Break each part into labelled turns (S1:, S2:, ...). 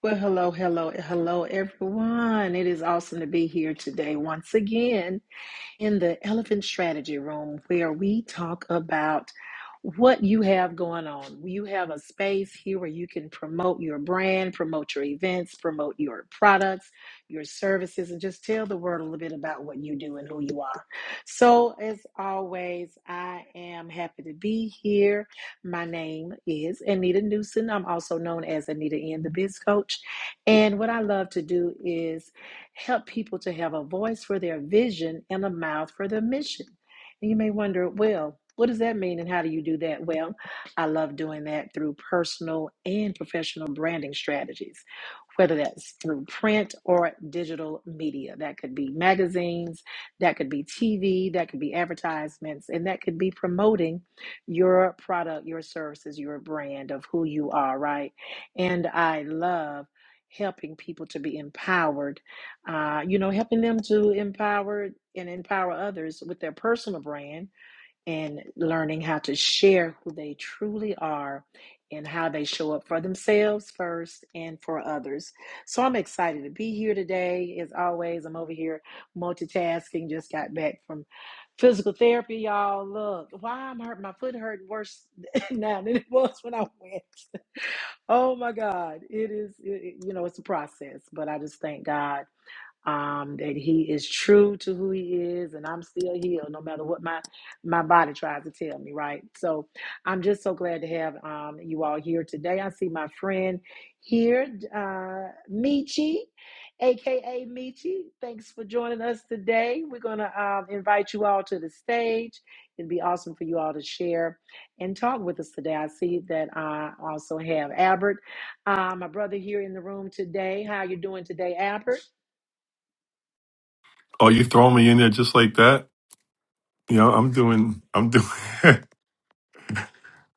S1: Well, hello, hello, hello, everyone. It is awesome to be here today once again in the Elephant Strategy Room where we talk about what you have going on. You have a space here where you can promote your brand, promote your events, promote your products, your services, and just tell the world a little bit about what you do and who you are. So, as always, I am happy to be here. My name is Anita Newson. I'm also known as Anita N, the Biz Coach. And what I love to do is Help people to have a voice for their vision and a mouth for their mission. And you may wonder, well, what does that mean and how do you do that? Well, I love doing that through personal and professional branding strategies whether that's through print or digital media. That could be magazines, that could be TV, that could be advertisements, and that could be promoting your product, your services, your brand of who you are, right? And I love helping people to be empowered uh, you know, helping them to empower and empower others with their personal brand and learning how to share who they truly are and how they show up for themselves first and for others. So I'm excited to be here today. As always, I'm over here multitasking. Just got back from physical therapy, y'all. Look, why I'm hurt. My foot hurt worse now than it was when I went. Oh my God, it is. It, it- you know, it's a process, but I just thank God um, that he is true to who he is, and I'm still healed, no matter what my my body tries to tell me, right? So I'm just so glad to have um, you all here today. I see my friend here, uh, Michi, aka Michi. Thanks for joining us today. We're gonna um, invite you all to the stage. It'd be awesome for you all to share and talk with us today. I see that I also have Albert, uh, my brother, here in the room today. How you doing today, Albert?
S2: Oh, you throw me in there just like that? You know, I'm doing, I'm doing,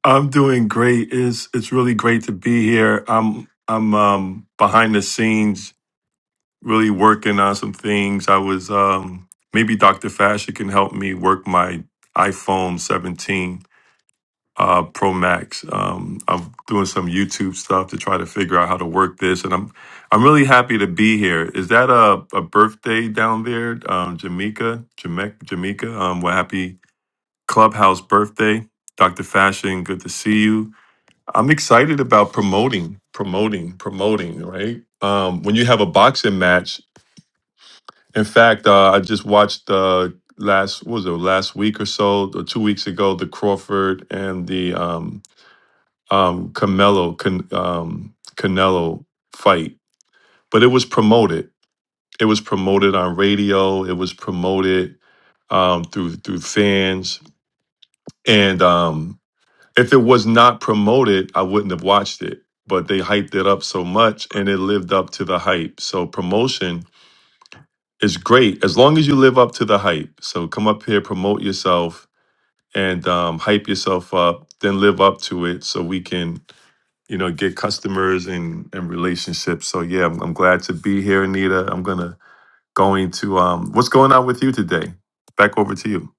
S2: I'm doing great. It's it's really great to be here. I'm I'm um, behind the scenes, really working on some things. I was um, maybe Dr. Fasher can help me work my iPhone 17 uh, Pro Max. Um, I'm doing some YouTube stuff to try to figure out how to work this, and I'm I'm really happy to be here. Is that a, a birthday down there, um, Jamaica? Jamaica? Jamaica? Um, we're happy Clubhouse birthday. Dr. Fashion, good to see you. I'm excited about promoting, promoting, promoting, right? Um, when you have a boxing match, in fact, uh, I just watched uh, last, what was it, last week or so, or two weeks ago, the Crawford and the um, um, Camelo, Can, um, Canelo fight, but it was promoted. It was promoted on radio, it was promoted um, through through fans. And um, If it was not promoted, I wouldn't have watched it. But they hyped it up so much and it lived up to the hype. So promotion is great as long as you live up to the hype. So come up here, promote yourself and um, hype yourself up, then live up to it so we can, you know, get customers and, and relationships. So yeah, I'm, I'm glad to be here, Anita. I'm gonna going to um what's going on with you today? Back over to you.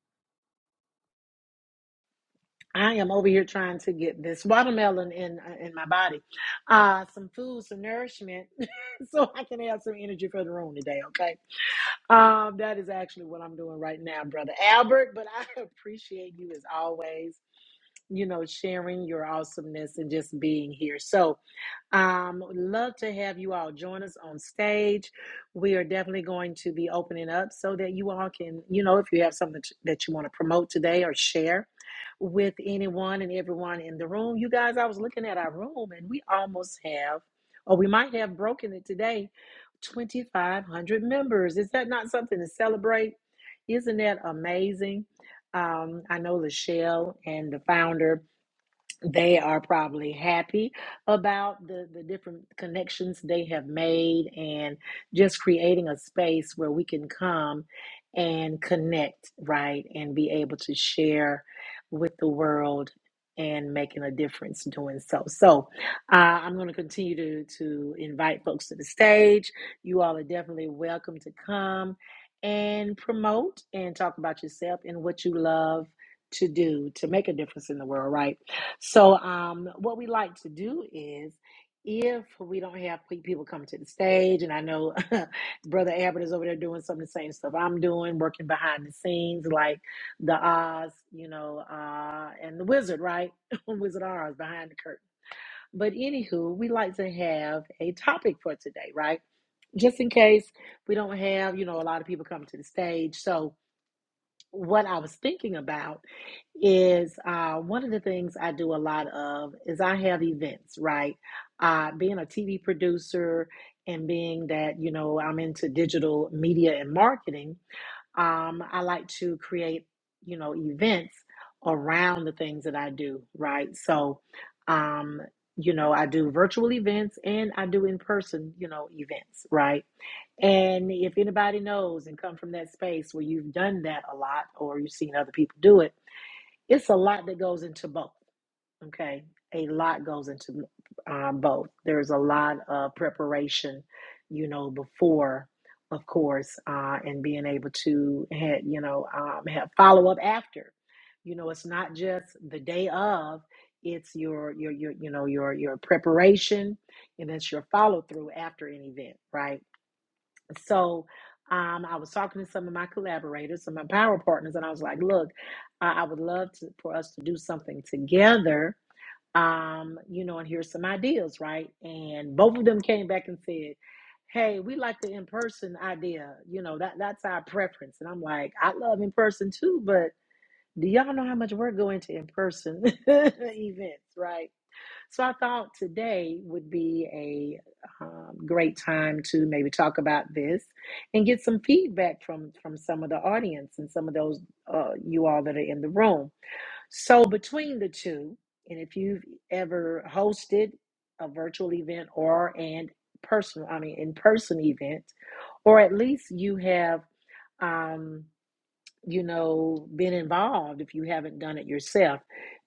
S1: I am over here trying to get this watermelon in uh, in my body, uh, some food, some nourishment, so I can have some energy for the room today. Okay, um, that is actually what I'm doing right now, brother Albert. But I appreciate you as always. You know, sharing your awesomeness and just being here. So, um, would love to have you all join us on stage. We are definitely going to be opening up so that you all can, you know, if you have something that you want to promote today or share with anyone and everyone in the room. You guys, I was looking at our room and we almost have, or we might have broken it today, 2,500 members. Is that not something to celebrate? Isn't that amazing? Um, I know Lachelle and the founder. They are probably happy about the, the different connections they have made and just creating a space where we can come and connect, right? And be able to share with the world and making a difference doing so. So uh, I'm going to continue to, to invite folks to the stage. You all are definitely welcome to come and promote and talk about yourself and what you love to do to make a difference in the world, right? So, um, what we like to do is if we don't have people come to the stage, and I know Brother Abbott is over there doing some of the same stuff I'm doing, working behind the scenes, like the Oz, you know, uh, and the Wizard, right? Wizard Oz behind the curtain. But anywho, we like to have a topic for today, right? Just in case we don't have, you know, a lot of people come to the stage. So, what I was thinking about is uh, one of the things I do a lot of is I have events, right? Uh, being a TV producer and being that, you know, I'm into digital media and marketing, um, I like to create, you know, events around the things that I do, right? So, um, you know, I do virtual events and I do in person, you know, events, right? And if anybody knows and come from that space where you've done that a lot or you've seen other people do it, it's a lot that goes into both. Okay. A lot goes into um, both. There's a lot of preparation, you know, before, of course, uh, and being able to, ha- you know, um, have follow up after. You know, it's not just the day of. It's your your your you know your your preparation, and it's your follow through after an event, right? So um, I was talking to some of my collaborators, some of my power partners, and I was like, look, I, I would love to, for us to do something together, um, you know, and here's some ideas, right? And both of them came back and said, hey, we like the in person idea. You know, that that's our preference. And I'm like, I love in person too, but do y'all know how much work go into in person events, right? So I thought today would be a um, great time to maybe talk about this and get some feedback from from some of the audience and some of those uh, you all that are in the room. So between the two, and if you've ever hosted a virtual event or and personal, I mean in person event, or at least you have. Um, you know, been involved, if you haven't done it yourself,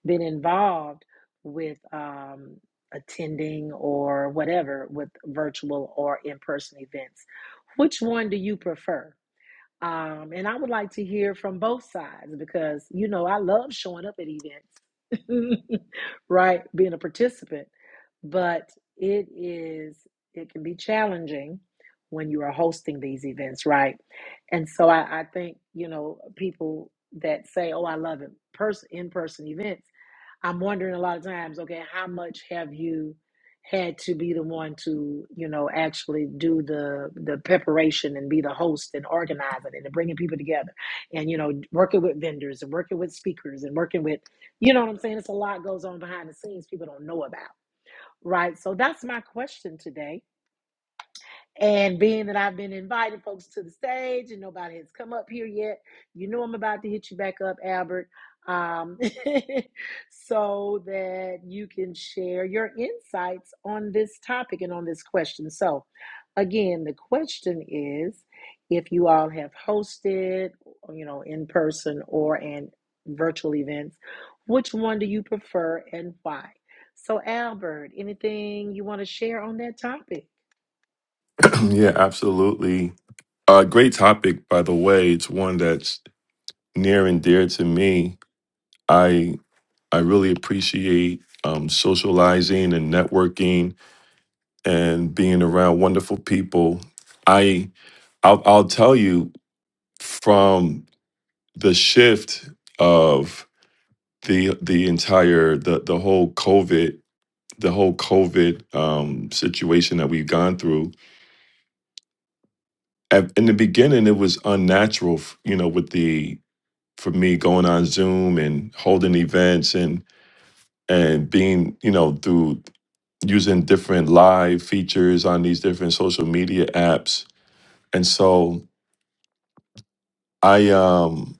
S1: been involved with um, attending or whatever with virtual or in person events. Which one do you prefer? Um, and I would like to hear from both sides because, you know, I love showing up at events, right? Being a participant. But it is, it can be challenging when you are hosting these events, right? And so I, I think, you know, people that say, oh, I love it, pers- in person events I'm wondering a lot of times, okay, how much have you had to be the one to, you know, actually do the the preparation and be the host and organizing and bringing people together and you know working with vendors and working with speakers and working with, you know what I'm saying? It's a lot goes on behind the scenes people don't know about, right? So that's my question today and being that I've been inviting folks to the stage and nobody has come up here yet, you know I'm about to hit you back up, Albert, um, so that you can share your insights on this topic and on this question. So, again, the question is if you all have hosted, you know, in person or in virtual events, which one do you prefer and why? So, Albert, anything you want to share on that topic?
S2: yeah, absolutely. Uh great topic by the way. It's one that's near and dear to me. I I really appreciate um, socializing and networking and being around wonderful people. I I'll, I'll tell you from the shift of the the entire the the whole COVID the whole COVID um, situation that we've gone through. At, in the beginning, it was unnatural, f- you know, with the for me going on Zoom and holding events and and being, you know, through using different live features on these different social media apps. And so I um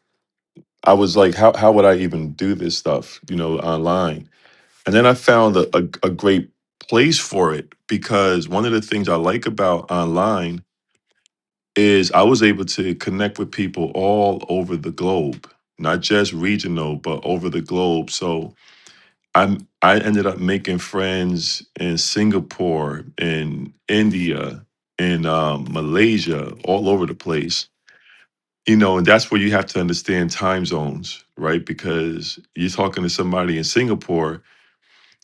S2: I was like, how how would I even do this stuff, you know, online? And then I found a, a, a great place for it because one of the things I like about online is I was able to connect with people all over the globe, not just regional, but over the globe. So I I ended up making friends in Singapore, in India, in um, Malaysia, all over the place. You know, and that's where you have to understand time zones, right? Because you're talking to somebody in Singapore,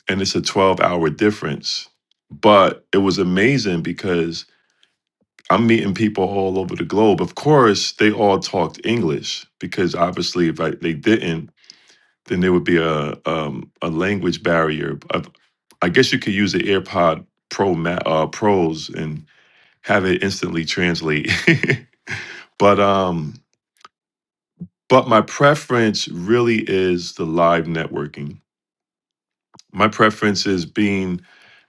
S2: and it's a 12 hour difference. But it was amazing because I'm meeting people all over the globe. Of course, they all talked English because obviously, if I, they didn't, then there would be a um, a language barrier. I, I guess you could use the AirPod Pro Ma- uh, Pros and have it instantly translate. but um, but my preference really is the live networking. My preference is being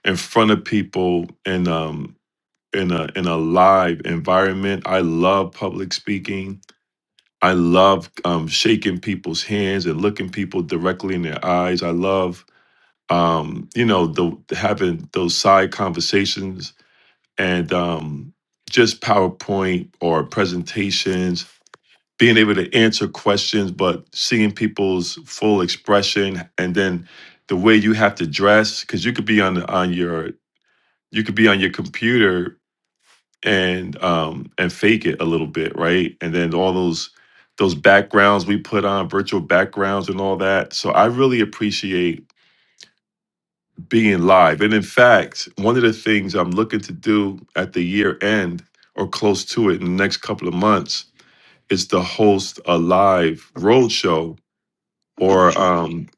S2: in front of people in um in a in a live environment. I love public speaking. I love um, shaking people's hands and looking people directly in their eyes. I love um, you know, the having those side conversations and um, just PowerPoint or presentations, being able to answer questions, but seeing people's full expression and then the way you have to dress, because you could be on on your you could be on your computer and um and fake it a little bit, right? And then all those those backgrounds we put on virtual backgrounds and all that. So I really appreciate being live. And in fact, one of the things I'm looking to do at the year end or close to it in the next couple of months is to host a live roadshow or um,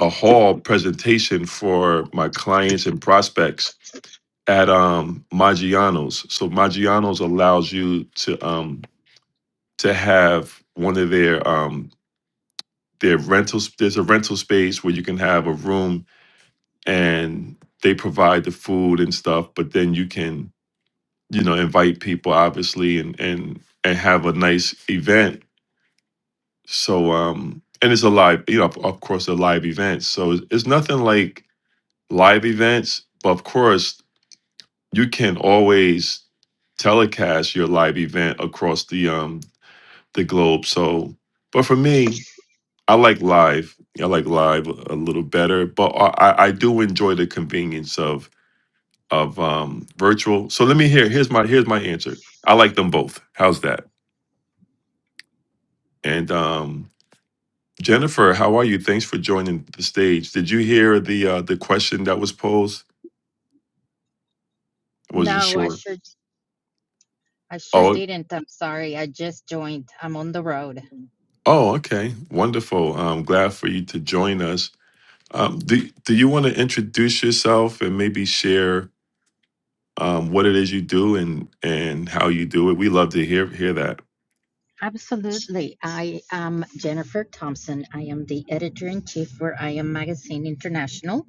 S2: a hall presentation for my clients and prospects at um, Maggiano's. So Maggiano's allows you to um, to have one of their um, their rentals. There's a rental space where you can have a room and they provide the food and stuff, but then you can you know invite people obviously and and and have a nice event so um and it's a live you know of of course a live event so it's, it's nothing like live events but of course you can always telecast your live event across the um the globe so but for me i like live i like live a little better but i i I do enjoy the convenience of of um virtual so let me hear here's my here's my answer i like them both how's that And um, Jennifer, how are you? Thanks for joining the stage. Did you hear the uh, the question that was posed? I wasn't
S3: No, I
S2: sure.
S3: sure I sure
S2: Oh,
S3: didn't. I'm sorry. I just joined. I'm on the road.
S2: oh, okay, wonderful. I'm glad for you to join us. Um, do Do you want to introduce yourself and maybe share um, what it is you do and and how you do it? We love to hear hear that.
S3: Absolutely. I am Jennifer Thompson. I am the editor in chief for I Am Magazine International.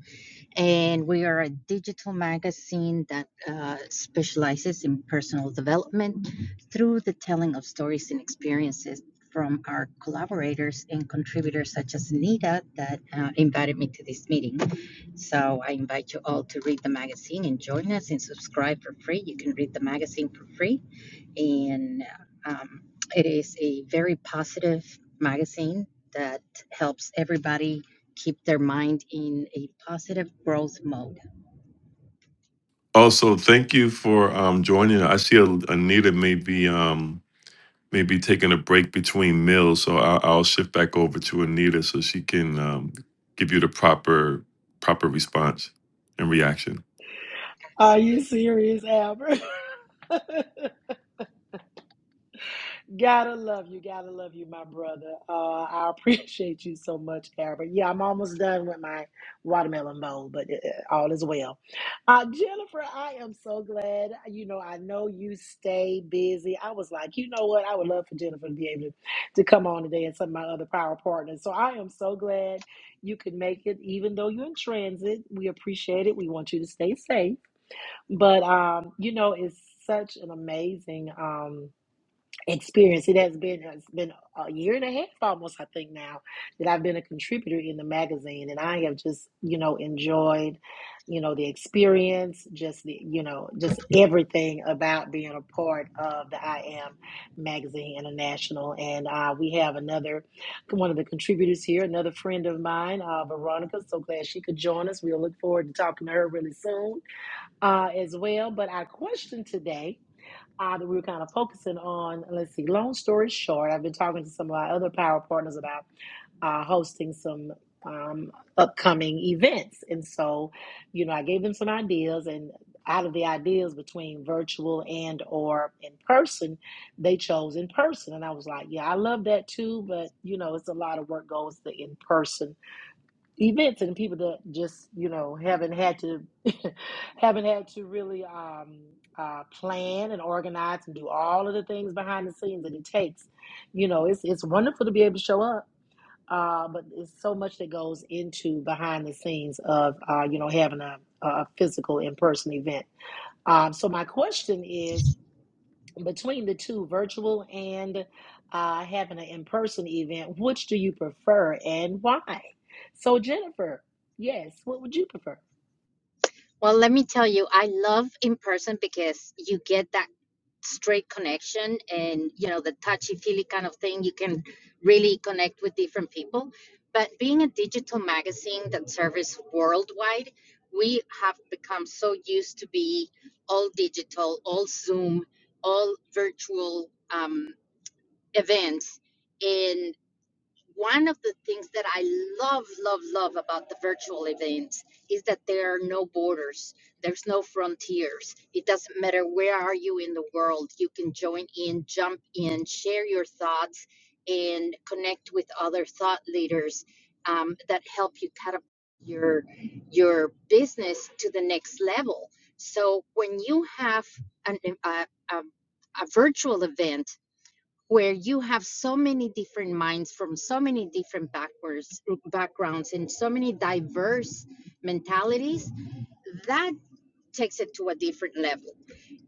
S3: and we are a digital magazine that uh, specializes in personal development through the telling of stories and experiences from our collaborators and contributors such as Nita that uh, invited me to this meeting. So I invite you all to read the magazine and join us and subscribe for free. You can read the magazine for free and um, it is a very positive magazine that helps everybody keep their mind in a positive growth mode.
S2: Also, thank you for um, joining. I see Anita may be. Um, maybe taking a break between meals. So I'll, I'll shift back over to Anita so she can um, give you the proper proper response and reaction.
S1: Are you
S3: Absolutely.
S1: serious, Albert? gotta love you, gotta love you, my brother. Uh, I appreciate you so much, Albert. Yeah, I'm almost done with my watermelon bowl, but uh, uh, all is well. Uh, Jennifer, I am so glad. You know, I know you stay busy. I was like, you know what? I would love for Jennifer to be able to, to come on today and some of my other power partners. So I am so glad you could make it, even though you're in transit. We appreciate it. We want you to stay safe. But um, you know, it's such an amazing um experience. It has been it's been a year and a half almost, I think now, that I've been a contributor in the magazine, and I have just, you know, enjoyed, you know, the experience, just the, you know, just everything about being a part of the I Am Magazine International. And uh, we have another one of the contributors here, another friend of mine, uh, Veronica. So glad she could join us. We'll look forward to talking to her really soon uh, as well. But our question today uh, that we were kind of focusing on, let's see, long story short, I've been talking to some of our other power partners about uh, hosting some um, upcoming events. And so, you know, I gave them some ideas and out of the ideas between virtual and or in person, they chose in person. And I was like, yeah, I love that too. But, you know, it's a lot of work goes the in person events and people that just you know haven't had to haven't had to really um, uh, plan and organize and do all of the things behind the scenes that it takes you know it's it's wonderful to be able to show up uh, but it's so much that goes into behind the scenes of uh, you know having a, a physical in-person event um, so my question is between the two, virtual and uh, having an in person event, which do you prefer and why? So, Jennifer, yes, what would you prefer?
S3: Well, let me tell you, I love in person because you get that straight connection and you know the touchy feely kind of thing you can really connect with different people but being a digital magazine that serves worldwide we have become so used to be all digital all zoom all virtual um, events And one of the things that I love, love, love about the virtual events is that there are no borders. There's no frontiers. It doesn't matter where are you in the world. You can join in, jump in, share your thoughts, and connect with other thought leaders um, that help you cut up your your business to the next level. So when you have an, a, a, a virtual event where you have so many different minds from so many different backwards backgrounds and so many diverse mentalities that takes it to a different level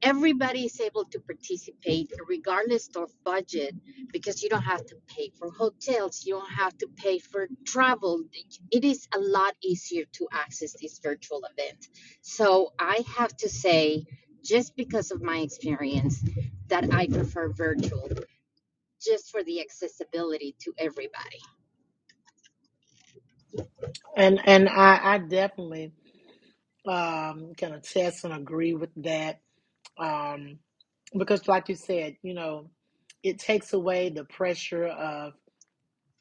S3: everybody is able to participate regardless of budget because you don't have to pay for hotels you don't have to pay for travel it is a lot easier to access this virtual event so i have to say just because of my experience that i prefer virtual just for the accessibility to everybody.
S1: And and I, I definitely um, can attest and agree with that um, because, like you said, you know, it takes away the pressure of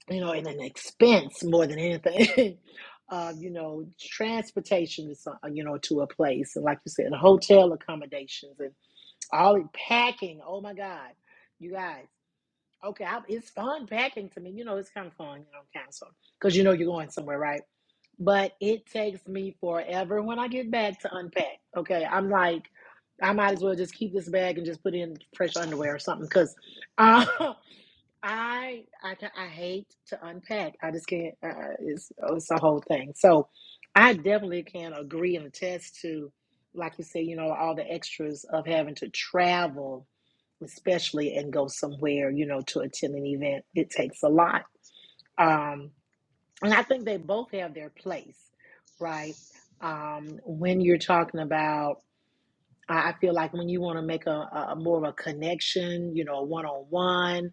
S1: you know and an expense more than anything. Of you know transportation to some, you know to a place and like you said hotel accommodations All packing. Oh my God. You guys. Okay, I, it's fun packing to me. You know, it's kind of fun, you know, council, because you know you're going somewhere, right? But it takes me forever when I get back to unpack. Okay, I'm like, I might as well just keep this bag and just put in fresh underwear or something, because uh, I I ca- I hate to unpack. I just can't. Uh, uh, it's oh, it's a whole thing. So I definitely can agree and attest to, like you say, you know, all the extras of having to travel, especially and go somewhere, you know, to attend an event. It takes a lot. Um, and I think they both have their place, right? Um, when you're talking about I I feel like when you want to make a, a a more of a connection, you know, one on one,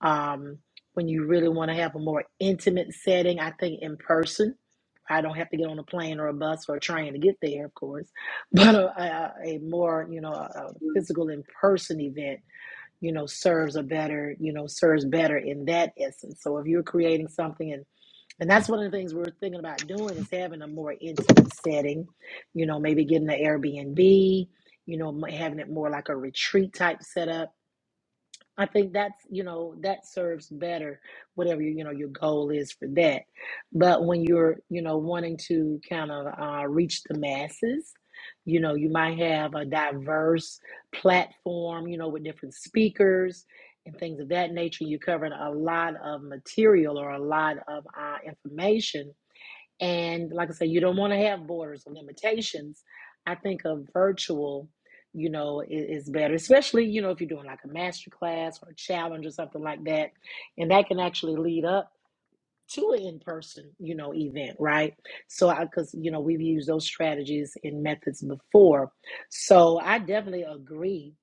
S1: um, when you really want to have a more intimate setting, I think in person. I don't have to get on a plane or a bus or a train to get there, of course, but a, a, a more, you know, a a physical in person event, you know, serves a better, you know, serves better in that essence. So if you're creating something and. And that's one of the things we are thinking about doing is having a more intimate setting, you know, maybe getting an Airbnb, you know, m- having it more like a retreat type setup, I think that's, you know, that serves better, whatever, you know, your goal is for that. But when you're, you know, wanting to kind of uh, reach the masses, you know, you might have a diverse platform, you know, with different speakers and things of that nature. You're covering a lot of material or a lot of uh, information and like I say, you don't want to have borders or limitations. I think a virtual, you know, is better, especially, you know, if you're doing like a master class or a challenge or something like that. And that can actually lead up to an in person, you know, event, right? So, I, because, you know, we've used those strategies and methods before. So I definitely agree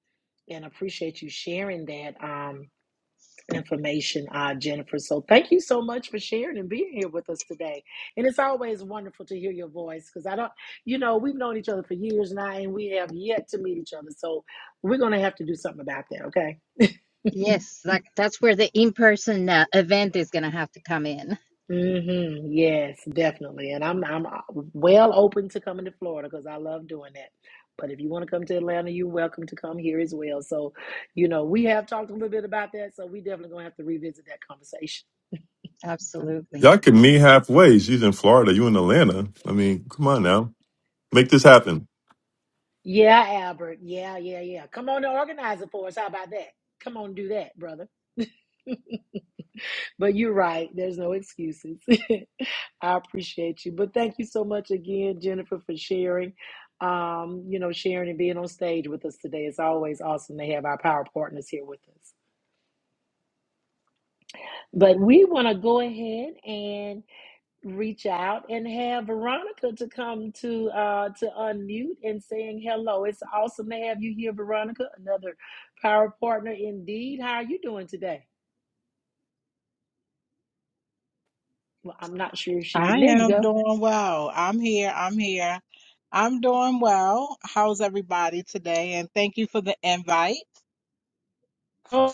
S1: and appreciate you sharing that. Um, information, uh, Jennifer. So thank you so much for sharing and being here with us today. And it's always wonderful to hear your voice because I don't, you know, we've known each other for years now and we have yet to meet each other. So we're going to have to do something about that, okay?
S3: Yes, that, that's where the in-person uh, event is going to have to come in.
S1: hmm Yes, definitely. And I'm I'm uh, well open to coming to Florida because I love doing that. But if you want to come to Atlanta, you're welcome to come here as well. So, you know, we have talked a little bit about that. So we definitely gonna have to revisit that conversation.
S3: Absolutely.
S2: Y'all can meet halfway. She's in Florida. You in Atlanta. I mean, come on now, make this happen.
S1: Yeah, Albert. Yeah, yeah, yeah. Come on and organize it for us. How about that? Come on, do that, brother. But you're right. There's no excuses. I appreciate you. But thank you so much again, Jennifer, for sharing. Um, you know, sharing and being on stage with us today. It's always awesome to have our power partners here with us. But we want to go ahead and reach out and have Veronica to come to uh to unmute and saying hello. It's awesome to have you here, Veronica, another power partner indeed. How are you doing today? Well, I'm not sure if she can.
S4: I
S1: There
S4: am
S1: you
S4: doing well. I'm here. I'm here. I'm doing well. How's everybody today? And thank you for the invite.
S1: go.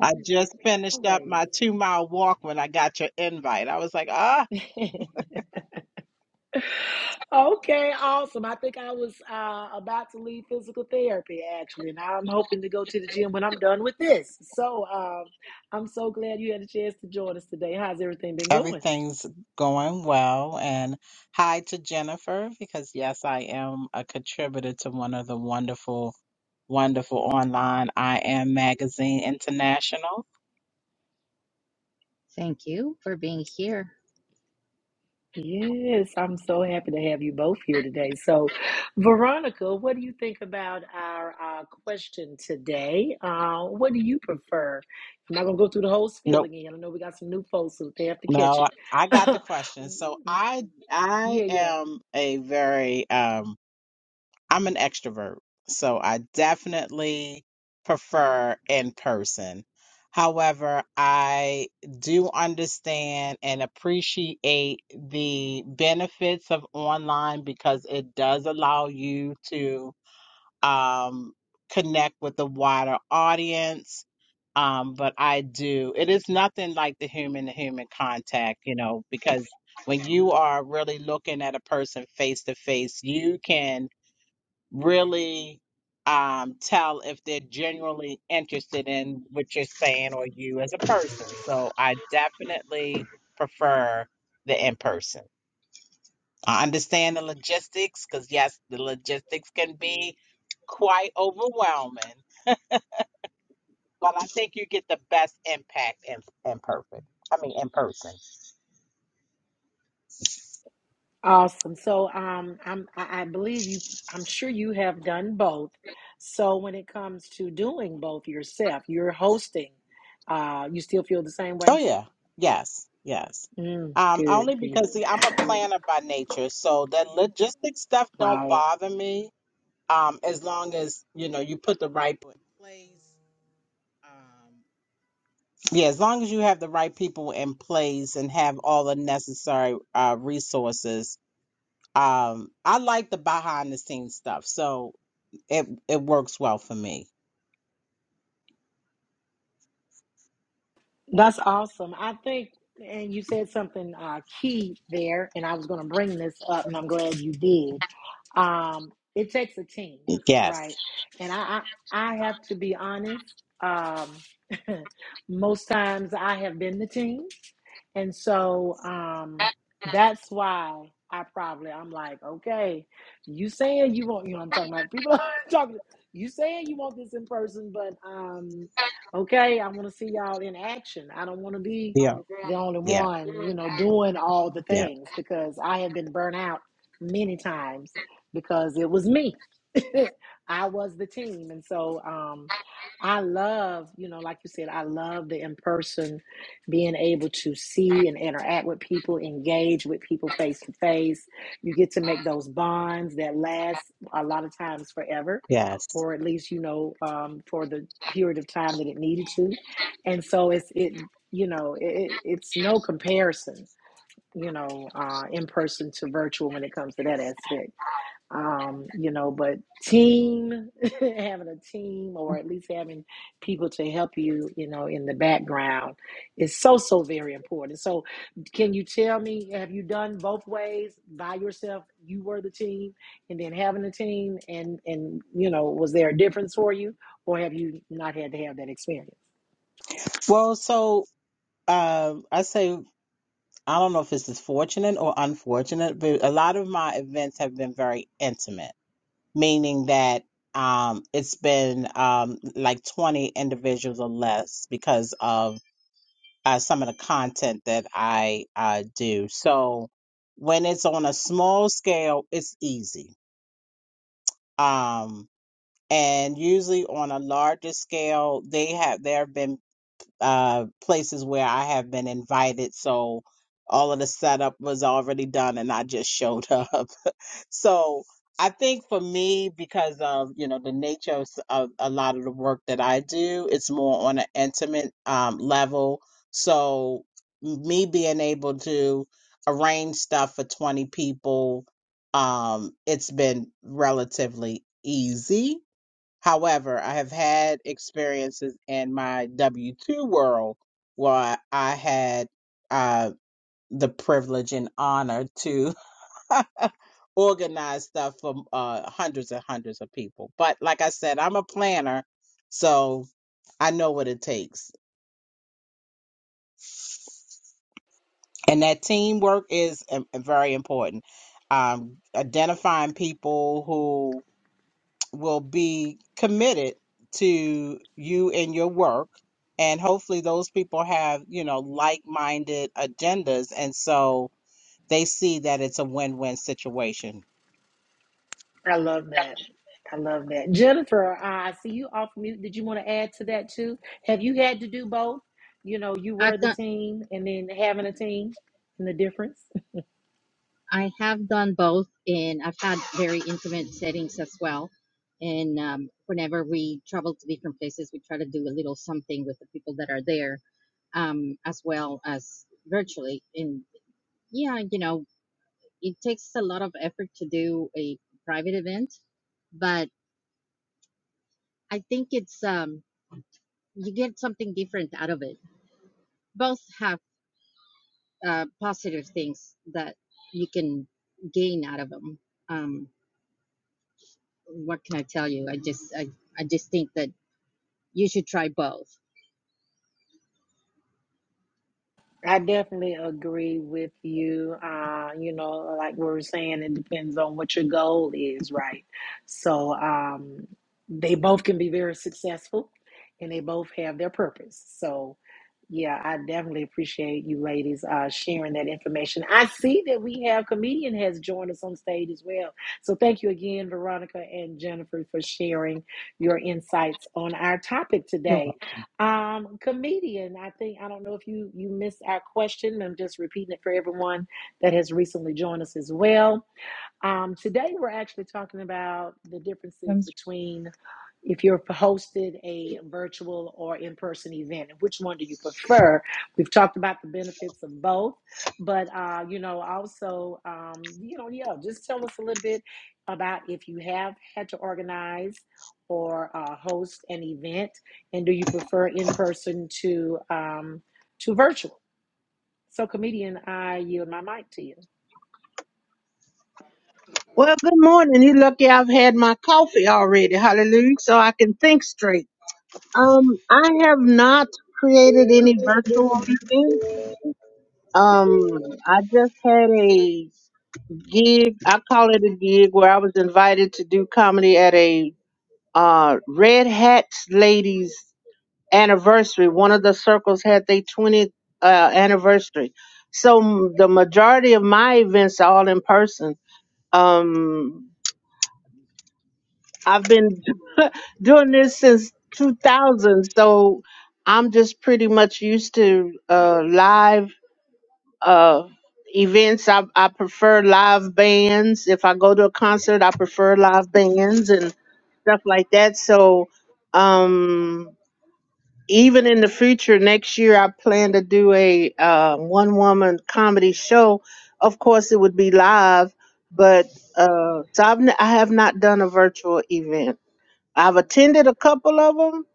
S4: I just finished up
S1: Always.
S4: my two mile walk when I got your invite. I was like, ah,
S1: okay, awesome. I think I was uh, about to leave physical therapy actually, and I'm hoping to go to the gym when I'm done with this. So um, I'm so glad you had a chance to join us today. How's everything been going?
S4: everything's going well. And hi to Jennifer, because yes, I am a contributor to one of the wonderful, wonderful online I Am Magazine International.
S3: Thank you for being here.
S1: Yes, I'm so happy to have you both here today. So, Veronica, what do you think about our uh, question today? Uh, what do you prefer? I'm not going to go through the whole spiel again. I know we got some new folks, so they have to
S4: No,
S1: catch it.
S4: I I got the question. So I I
S1: yeah, yeah.
S4: am a very um I'm an extrovert. So I definitely prefer in person. However, I do understand and appreciate the benefits of online because it does allow you to um, connect with the wider audience. Um, but I do, it is nothing like the human to human contact, you know, because when you are really looking at a person face to face, you can really um, tell if they're genuinely interested in what you're saying or you as a person. So I definitely prefer the in person. I understand the logistics because, yes, the logistics can be quite overwhelming, but I think you get the best impact in, in perfect. I mean, in person.
S1: Awesome. So, um, I'm, I I believe you, I'm sure you have done both. So, when it comes to doing both yourself, you're hosting, uh, you still feel the same
S4: Oh,
S1: way?
S4: yeah. Yes. Yes.
S1: Mm,
S4: Um,
S1: good,
S4: only
S1: good.
S4: because, see, I'm a planner by nature, so the logistics stuff don't
S1: Right.
S4: bother me. Um, as long as, you know, you put the right people in place. Um, yeah, as long as you have the right people in place and have all the necessary uh, resources Um, I like the behind the scenes stuff, so it it works well for me.
S1: That's awesome. I think, and you said something uh, key there, and I was going to bring this up, and I'm glad you did. Um, it takes a team,
S4: Yes.
S1: right? And I, I, I have to be honest. Um, most times, I have been the team. And so um that's why I probably I'm like, okay, you saying you want you know what I'm talking about people are talking you saying you want this in person, but um okay, I want to see y'all in action. I don't want to be
S4: Yeah.
S1: the only
S4: Yeah.
S1: one, you know, doing all the
S4: Yeah.
S1: things because I have been burnt out many times because it was me. I was the team. And so um I love, you know, like you said, I love the in person being able to see and interact with people, engage with people face to face. You get to make those bonds that last a lot of times forever,
S4: Yes.
S1: or at least you know um, for the period of time that it needed to. And so it's it you know it, it's no comparison you know uh, in person to virtual when it comes to that aspect um, you know, but team, having a team or at least having people to help you, you know, in the background is so, so very important. So, can you tell me, have you done both ways by yourself? You were the team and then having a team, and, and, you know, was there a difference for you or have you not had to have that experience?
S4: Well, so um, I say I don't know if this is fortunate or unfortunate, but a lot of my events have been very intimate, meaning that um, it's been um, like twenty individuals or less because of uh, some of the content that I uh, do. So when it's on a small scale, it's easy um, and usually on a larger scale they have there have been uh, places where i have been invited so all of the setup was already done and i just showed up so I think for me, because of you know the nature of, s- of a lot of the work that I do, it's more on an intimate um, level. So me being able to arrange stuff for twenty people, um, it's been relatively easy. However, I have had experiences in my W two world where I had uh, the privilege and honor to. organize stuff for uh, hundreds and hundreds of people. But like I said, I'm a planner, so I know what it takes. And that teamwork is um, very important. Um, identifying people who will be committed to you and your work. And hopefully, those people have, you know, like minded agendas. And so they see that it's a win win situation.
S1: I love that. I love that. Jennifer, I see you off mute. Did you want to add to that too? Have you had to do both? You know, you were
S3: I've
S1: the
S3: done
S1: team and then having a team and the difference?
S3: I have done both and I've had very intimate settings as well. And um, whenever we travel to different places, we try to do a little something with the people that are there, um, as well as virtually. And yeah, you know, it takes a lot of effort to do a private event, but I think it's um you get something different out of it. Both have uh, positive things that you can gain out of them. Um, what can I tell you? I just I, I just think that you should try both.
S1: I definitely agree with you. Uh, you know, like we were saying, it depends on what your goal is, right? So um, they both can be very successful and they both have their purpose. So, yeah, I definitely appreciate you ladies uh, sharing that information. I see that we have comedian has joined us on stage as well. So thank you again, Veronica and Jennifer, for sharing your insights on our topic today. Um, comedian, I think I don't know if you you missed our question. I'm just repeating it for everyone that has recently joined us as well. Um, today, we're actually talking about the differences between if you're hosted a virtual or in person event, and which one do you prefer? We've talked about the benefits of both, but uh, you know, also, um, you know, yeah, just tell us a little bit about if you have had to organize or uh, host an event, and do you prefer in person to um, to virtual? So, comedian, I yield my mic to you.
S5: Well, good morning. You lucky I've had my coffee already. Hallelujah. So I can think straight. Um, I have not created any virtual events. Um, I just had a gig. I call it a gig where I was invited to do comedy at a uh, Red Hats ladies anniversary. One of the circles had their 20th uh, anniversary. So m- the majority of my events are all in person. Um, I've been doing this since 2000, so I'm just pretty much used to uh, live uh, events. I, I prefer live bands. If I go to a concert, I prefer live bands and stuff like that. So um, even in the future, next year, I plan to do a uh, one woman comedy show. Of course, it would be live, but uh, so I've n- I have not done a virtual event. I've attended a couple of them,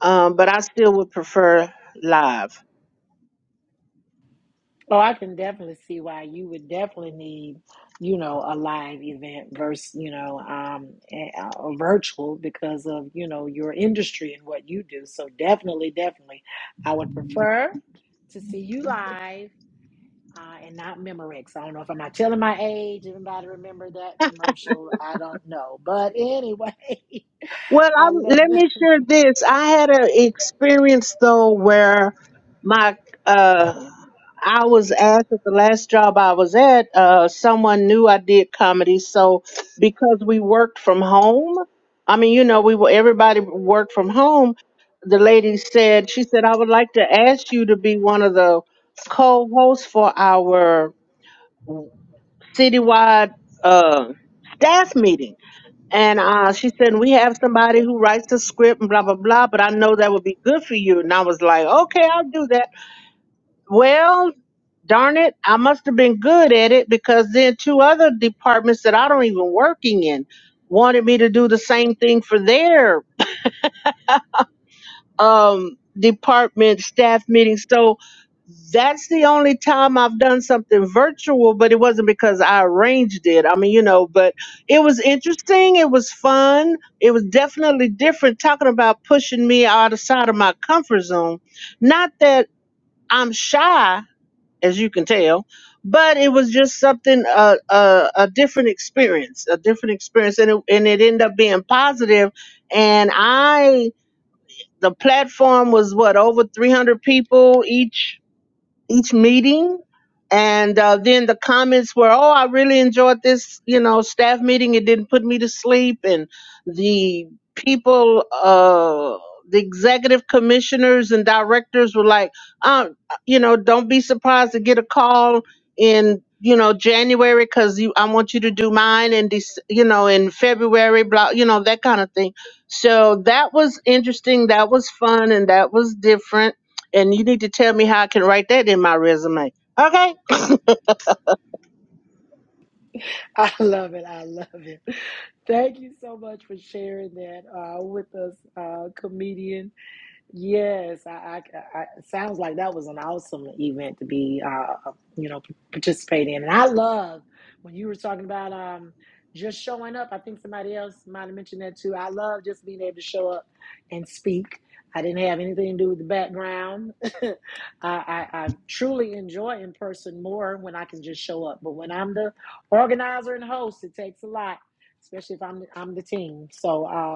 S5: um, but I still would prefer live.
S1: Oh, I can definitely see why you would definitely need, you know, a live event versus, you know, um, eh, a, a virtual because of, you know, your industry and what you do. So definitely, definitely, I would prefer to see you live uh, and not Memorex. I don't know if I'm not telling my age. Everybody remember that commercial? I don't know. But anyway,
S5: Well,
S1: I
S5: I'm,
S1: love
S5: let
S1: it.
S5: me share this. I had an experience though where my uh, I was asked at the last job I was at. Uh, someone knew I did comedy, so because we worked from home, I mean, you know, we were everybody worked from home. The lady said, she said, I would like to ask you to be one of the co-hosts for our citywide uh, staff meeting. And uh, she said, We have somebody who writes the script and blah, blah, blah, but I know that would be good for you. And I was like, Okay, I'll do that. Well, darn it, I must have been good at it because then two other departments that I don't even working in wanted me to do the same thing for their um, department staff meeting. So that's the only time I've done something virtual, but it wasn't because I arranged it. I mean, you know, but it was interesting. It was fun. It was definitely different talking about pushing me out of side of my comfort zone. Not that I'm shy, as you can tell, but it was just something, uh, uh, a different experience, a different experience. And it, and it ended up being positive, positive. And I the platform was what over 300 people each each meeting. And uh, then the comments were, "Oh, I really enjoyed this, you know, staff meeting. It didn't put me to sleep." And the people, uh, the executive commissioners and directors were like, um, "You know, don't be surprised to get a call in, you know, January because you, I want you to do mine, and Dec- you know, in February, blah, you know, that kind of thing." So that was interesting. That was fun, and that was different and you need to tell me how I can write that in my resume. Okay,
S1: I love it. I love it. Thank you so much for sharing that uh, with us, uh, comedian. Yes, I, I, I it sounds like that was an awesome event to be, uh, uh, you know, participating in. And I love when you were talking about um, just showing up. I think somebody else might have mentioned that too. I love just being able to show up and speak. I didn't have anything to do with the background. I, I, I truly enjoy in person more when I can just show up. But when I'm the organizer and host, it takes a lot, especially if I'm I'm the team. So. Um,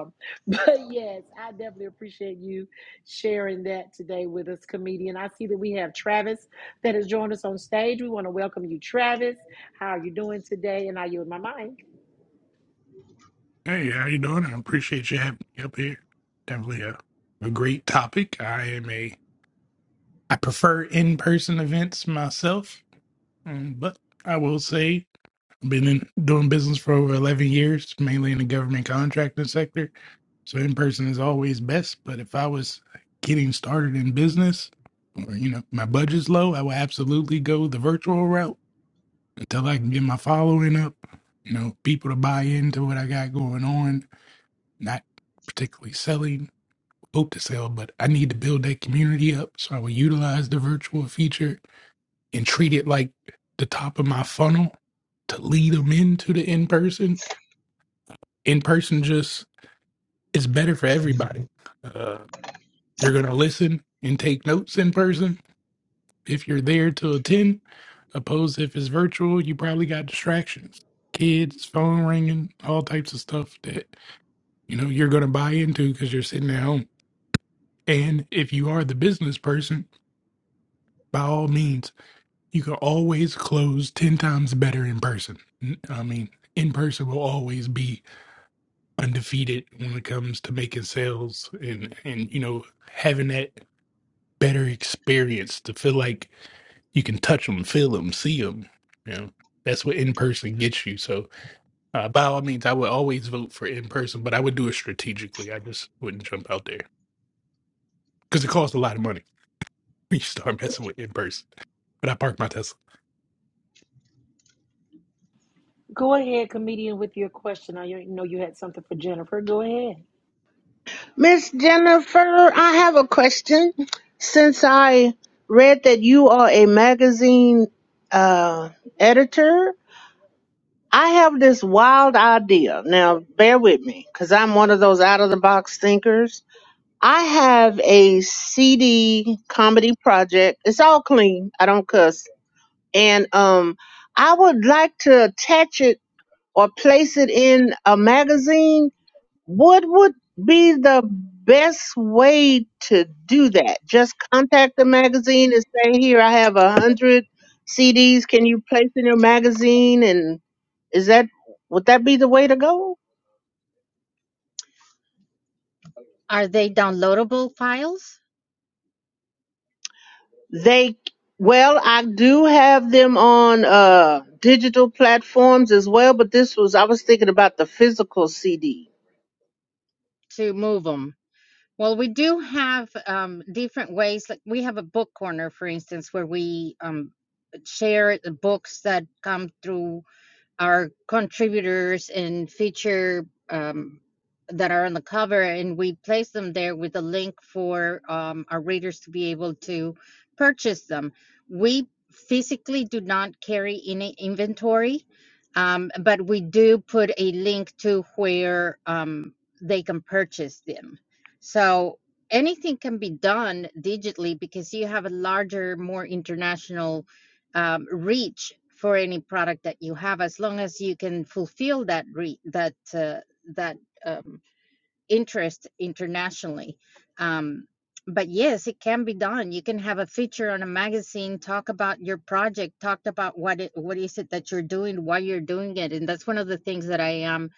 S1: yes, I definitely appreciate you sharing that today with us, comedian. I see that we have Travis that has joined us on stage. We want to welcome you, Travis. How are you doing today? And are you in my mic?
S6: Hey, how you doing? I appreciate you having me up here. Definitely a, a great topic. I am a I prefer in-person events myself, um, but I will say I've been in, doing business for over 11 years, mainly in the government contracting sector. So in-person is always best, but if I was getting started in business or you know, my budget's low, I would absolutely go the virtual route until I can get my following up, you know, people to buy into what I got going on not particularly selling, hope to sell, but I need to build that community up. So I will utilize the virtual feature and treat it like the top of my funnel to lead them into the in person. In person just is better for everybody. Uh, you're going to listen and take notes in person if you're there to attend, opposed to if it's virtual, you probably got distractions. Kids, phone ringing, all types of stuff that you know you're going to buy into because you're sitting at home. And if you are the business person, by all means, you can always close 10 times better in person. I mean, in person will always be undefeated when it comes to making sales and, and you know, having that better experience to feel like you can touch them, feel them, see them. You know, that's what in person gets you. So, uh, by all means, I would always vote for in person, but I would do it strategically. I just wouldn't jump out there because it costs a lot of money. you start messing with in person. But I parked my Tesla.
S1: Go ahead, comedian, with your question. I know you had something for Jennifer. Go ahead.
S5: Miss Jennifer, I have a question. Since I read that you are a magazine uh, editor, I have this wild idea. Now, bear with me, because I'm one of those out of the box thinkers. I have a CD comedy project. It's all clean. I don't cuss. And um, I would like to attach it or place it in a magazine What would be the best way to do that? Just contact the magazine and say, "Here, I have a hundred CDs. Can you place in your magazine?" And is that would that be the way to go?
S3: Are they downloadable files
S5: They well, I do have them on uh, digital platforms as well, but this was I was thinking about the physical CD.
S3: to move them? Well, we do have um, different ways. Like we have a book corner, for instance, where we um, share the books that come through our contributors and feature um, that are on the cover, and we place them there with a link for um, our readers to be able to purchase them. We physically do not carry any inventory, um, but we do put a link to where um, they can purchase them. So anything can be done digitally because you have a larger, more international um, reach for any product that you have as long as you can fulfill that re- that uh, that um, interest internationally um, but yes it can be done you can have a feature on a magazine talk about your project talk about what it, what is it that you're doing why you're doing it and that's one of the things that i am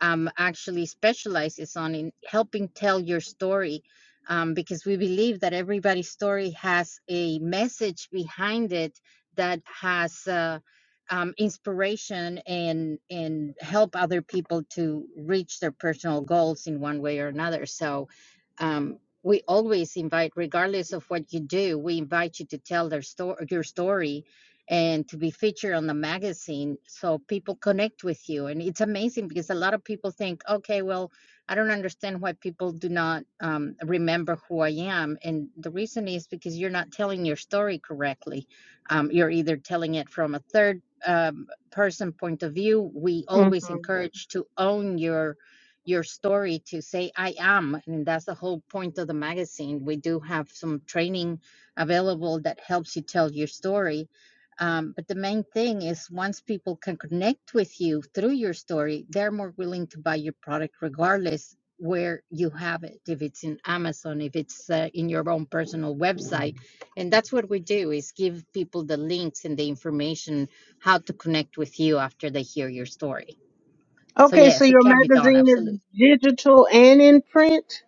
S3: um, actually specializes on in helping tell your story um, because we believe that everybody's story has a message behind it that has uh, um, inspiration and and help other people to reach their personal goals in one way or another so um, we always invite regardless of what you do we invite you to tell their story your story and to be featured on the magazine so people connect with you and it's amazing because a lot of people think okay well i don't understand why people do not um, remember who i am and the reason is because you're not telling your story correctly um, you're either telling it from a third um, person point of view we always Right. encourage to own your your story to say i am and that's the whole point of the magazine we do have some training available that helps you tell your story um, but the main thing is once people can connect with you through your story, they're more willing to buy your product regardless where you have it, if it's in Amazon, if it's uh, in your own personal website. And that's what we do is give people the links and the information how to connect with you after they hear your story. So
S5: Okay, so
S3: yes, it
S5: your
S3: can be done,
S5: magazine is
S3: absolutely.
S5: digital and in print,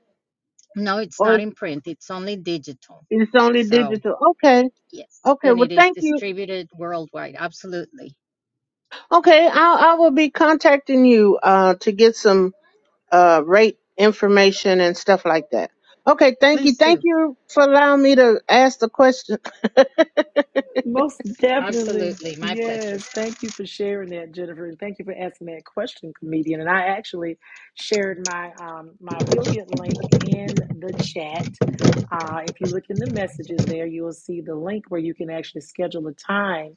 S3: No, it's
S5: or
S3: not in print, it's only digital.
S5: it's only
S3: So
S5: digital? Okay,
S3: yes,
S5: okay.
S3: and
S5: Well,
S3: it is
S5: thank you.
S3: distributed worldwide, absolutely.
S5: Okay, I I will be contacting you uh to get some uh rate information and stuff like that. Okay, thank you,
S3: Please do.
S5: thank you for allowing me to ask the question.
S1: Most definitely.
S3: Absolutely. My pleasure.
S1: Yes. Thank you for sharing that, Jennifer. And thank you for asking that question, comedian. And I actually shared my um my affiliate link in the chat. Uh, if you look in the messages there, you will see the link where you can actually schedule a time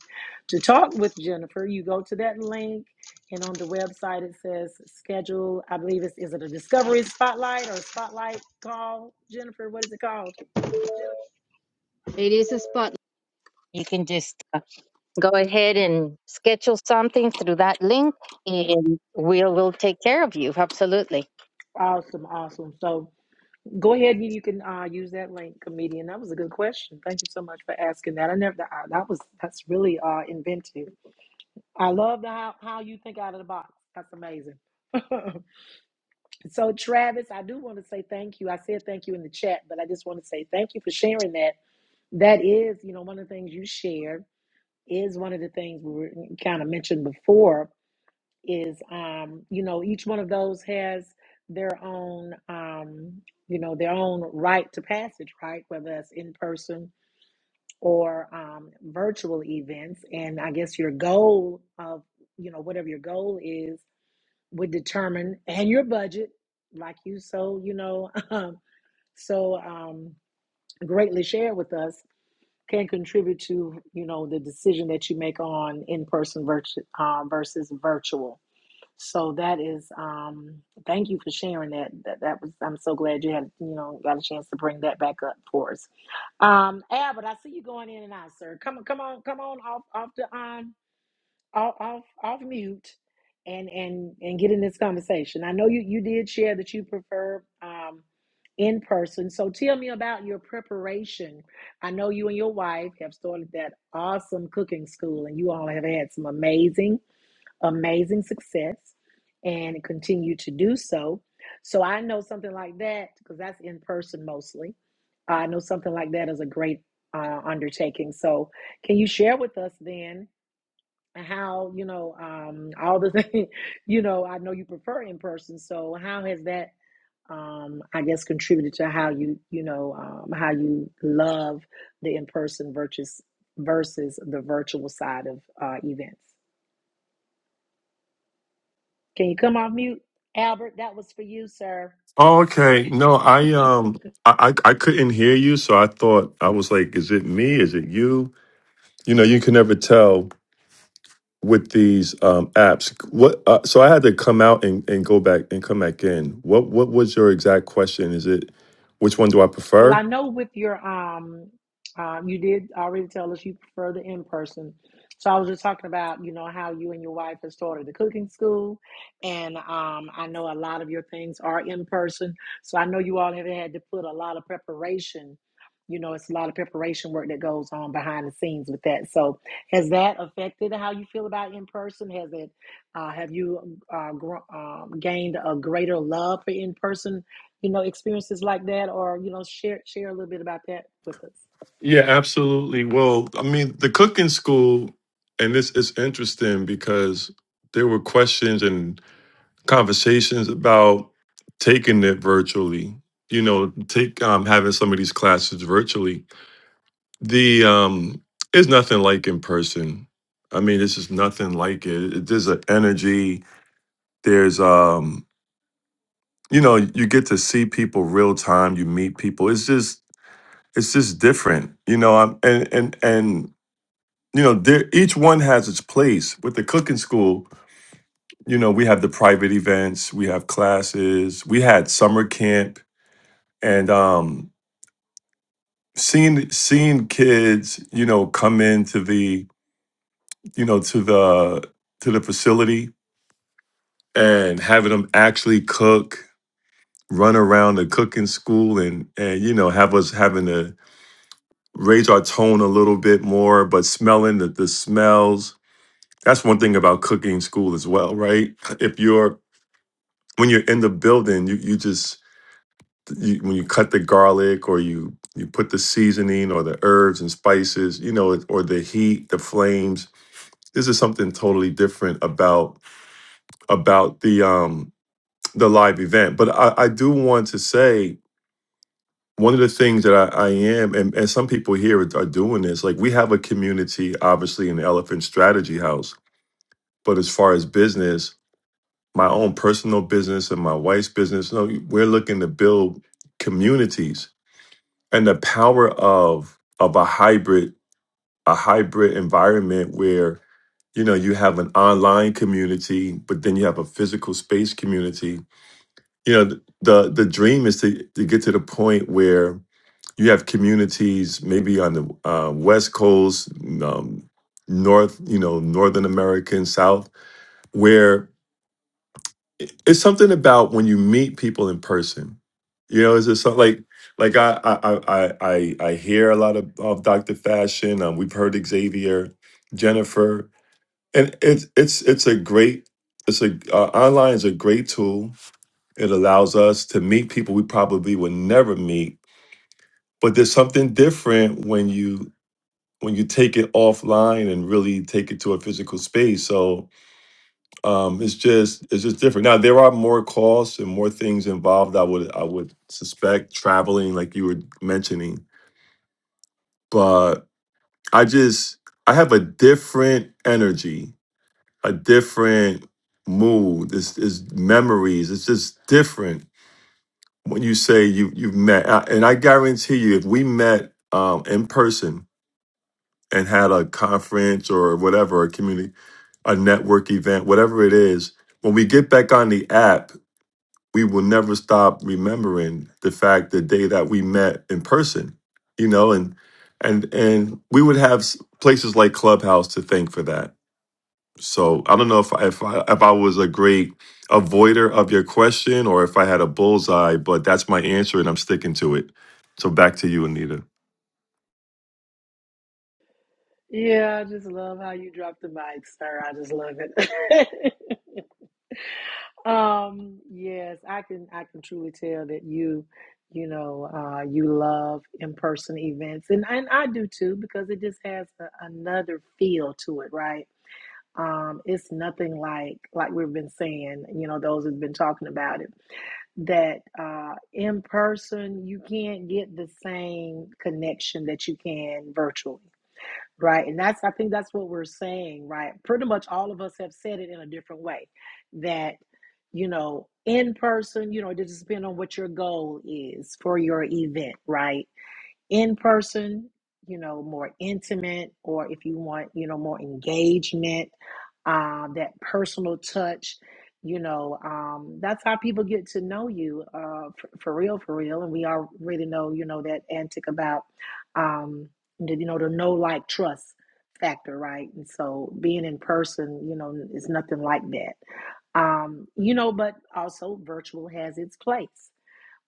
S1: to talk with Jennifer. You go to that link, and on the website it says schedule. I believe it's is it a discovery spotlight or a spotlight call, Jennifer? What is it called?
S3: It is a spot. You can just uh, go ahead and schedule something through that link, and we'll, we'll take care of you. Absolutely.
S1: Awesome, awesome. So Go ahead and you can uh, use that link, comedian. That was a good question. Thank you so much for asking that. I never that, uh, that was that's really uh, inventive. I love the, how how you think out of the box. That's amazing. so Travis, I do want to say thank you. I said thank you in the chat, but I just want to say thank you for sharing that. That is, you know, one of the things you shared is one of the things we were kind of mentioned before is um you know each one of those has their own um you know their own right to passage right whether that's in person or um virtual events and i guess your goal of you know whatever your goal is would determine and your budget like you so you know so um greatly shared with us can contribute to you know the decision that you make on in person versus uh, versus virtual so that is um thank you for sharing that. That that was I'm so glad you had, you know, got a chance to bring that back up for us. Um Albert, I see you going in and out, sir. Come on, come on, come on off off the um off off off mute and and and get in this conversation. I know you you did share that you prefer um in person. So tell me about your preparation. I know you and your wife have started that awesome cooking school and you all have had some amazing amazing success and continue to do so. So I know something like that because that's in person mostly. I know something like that is a great uh, undertaking. So can you share with us then how you know um, all the things you know? I know you prefer in person. So how has that um, I guess contributed to how you you know um, how you love the in person versus versus the virtual side of uh, events? Can you come off mute? Albert, that was for you, sir.
S2: Oh, okay. No, I um, I I I couldn't hear you, so I thought I was like, is it me? Is it you? You know, you can never tell with these um, apps. What? Uh, so I had to come out and, and go back and come back in. What What was your exact question? Is it which one do I
S1: Well, I
S2: prefer?
S1: know with your um, um, you did already tell us you prefer the in person. So I was just talking about, you know, how you and your wife have started the cooking school, and um, I know a lot of your things are in person. So I know you all have had to put a lot of preparation. You know, it's a lot of preparation work that goes on behind the scenes with that. So has that affected how you feel about in person? Has it? Uh, have you uh, gr- um, gained a greater love for in person? you know, experiences like that, or you know, share share a little bit about that with us.
S2: Yeah, absolutely. Well, I mean, the cooking school, and this is interesting because there were questions and conversations about taking it virtually. You know, take um, having some of these classes virtually. The um, it's nothing like in person. I mean, this is nothing like it. It- There's an energy. there's um you know you get to see people real time you meet people it's just it's just different you know i'm and and and you know there each one has its place with the cooking school you know we have the private events we have classes we had summer camp and um seeing seeing kids you know come into the you know to the to the facility and having them actually cook run around the cooking school and and you know have us having to raise our tone a little bit more, but smelling the, the smells. That's one thing about cooking school as well, right? If you're when you're in the building, you you just you, when you cut the garlic or you you put the seasoning or the herbs and spices, you know, or the heat, the flames. This is something totally different about about the um the live event. But I, I do want to say one of the things that I, I am, and, and some people here are, are doing this, like we have a community, obviously, in the Elephant Strategy House. But as far as business, my own personal business and my wife's business, no, we're looking to build communities and the power of of a hybrid, a hybrid environment where you know you have an online community, but then you have a physical space community. You know, the the dream is to to get to the point where you have communities maybe on the uh, west coast um, north you know northern america and south where i- it's something about when you meet people in person you know is it something like like i i i i, I I hear a lot of, of dr fashion um, we've heard xavier jennifer and it's it's it's a great it's a uh, online is a great tool it allows us to meet people we probably would never meet but there's something different when you. when you take it offline and really take it to a physical space. So um, it's just it's just different. Now there are more costs and more things involved. I would I would suspect traveling, like you were mentioning, but I just I have a different energy, a different mood. It's, it's memories. It's just different when you say you you've met. I- And I guarantee you, if we met um, in person and had a conference or whatever, a community a network event, whatever it is, when we get back on the app, we will never stop remembering the fact the day that we met in person, you know, and and and we would have s- places like Clubhouse to thank for that. So I don't know if I, if I, if I was a great avoider of your question or if I had a bullseye, but that's my answer and I'm sticking to it. So back to you, Anita.
S1: Yeah, I just love how you drop the mic, sir. I just love it. um, yes, I can I can truly tell that you, you know, uh, you love in person events, and and I do too because it just has a, another feel to it, right? Um, it's nothing like like we've been saying, you know, those who've been talking about it that uh, in person you can't get the same connection that you can virtually right and that's i think that's what we're saying right pretty much all of us have said it in a different way that you know in person you know it just depends on what your goal is for your event right in person, you know, more intimate, or if you want, you know, more engagement, um, that personal touch, you know, um, that's how people get to know you uh, for, for real, for real. And we all really know, you know, that antic about, um, the, you know, the know, like trust factor, right? And so being in person, you know, is nothing like that. Um, you know, but also virtual has its place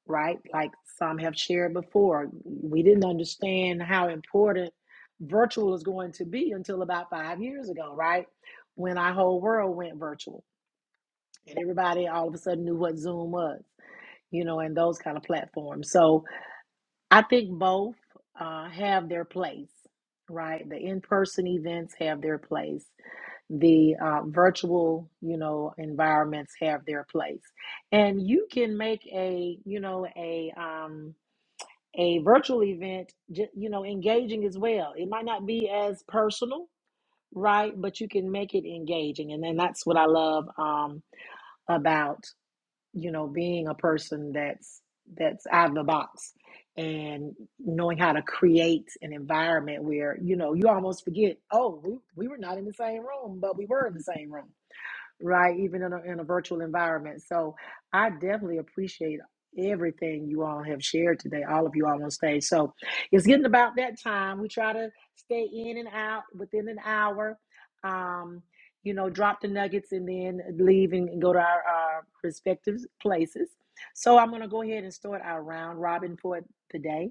S1: right? Like some have shared before, we didn't understand how important virtual is going to be until about five years ago, right? When our whole world went virtual and everybody all of a sudden knew what Zoom was, you know, and those kind of platforms. So I think both uh, have their place, right? The in person events have their place, the uh, virtual, you know, environments have their place. And you can make a, you know, a, um, a virtual event, ju- you know, engaging as well. It might not be as personal, right? But you can make it engaging. And then that's what I love um, about, you know, being a person that's that's out of the box and knowing how to create an environment where, you know, you almost forget, oh, we, we were not in the same room, but we were in the same room right? Even in a, in a virtual environment. So I definitely appreciate everything you all have shared today, all of you all on stage. So it's getting about that time. We try to stay in and out within an hour. Um, you know, drop the nuggets and then leave and go to our, our respective places. So I'm going to go ahead and start our round robin for today.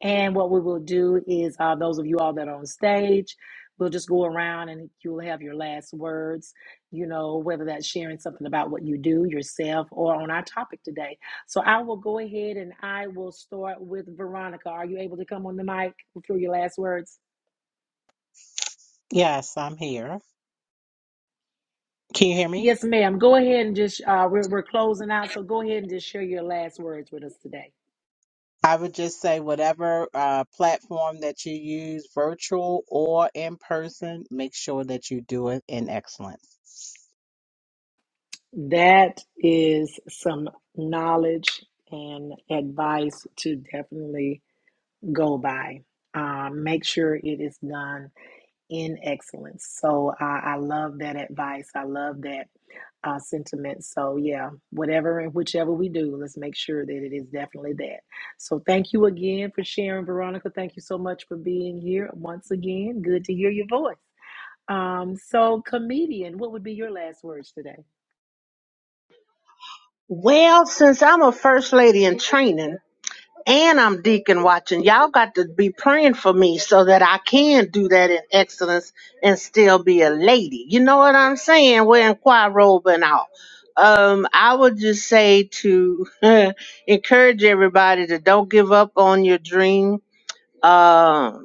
S1: And what we will do is, uh, those of you all that are on stage, we'll just go around and you'll have your last words, you know, whether that's sharing something about what you do yourself or on our topic today. So I will go ahead and I will start with Veronica. Are you able to come on the mic through your last words?
S4: Yes, I'm here. Can you hear me?
S1: Yes, ma'am. Go ahead and just, uh, we're, we're closing out. So go ahead and just share your last words with us today.
S4: I would just say whatever uh, platform that you use, virtual or in person, make sure that you do it in excellence.
S1: That is some knowledge and advice to definitely go by. Um, make sure it is done in excellence. So uh, I love that advice. I love that uh, sentiment. So yeah, whatever and whichever we do, let's make sure that it is definitely that. So thank you again for sharing, Veronica. Thank you so much for being here once again. Good to hear your voice. Um, so comedian, what would be your last words today?
S5: Well, since I'm a first lady in training. and I'm deacon watching. Y'all got to be praying for me so that I can do that in excellence and still be a lady. You know what I'm saying? Wearing choir robe and all. Um, I would just say to encourage everybody to don't give up on your dream. Um,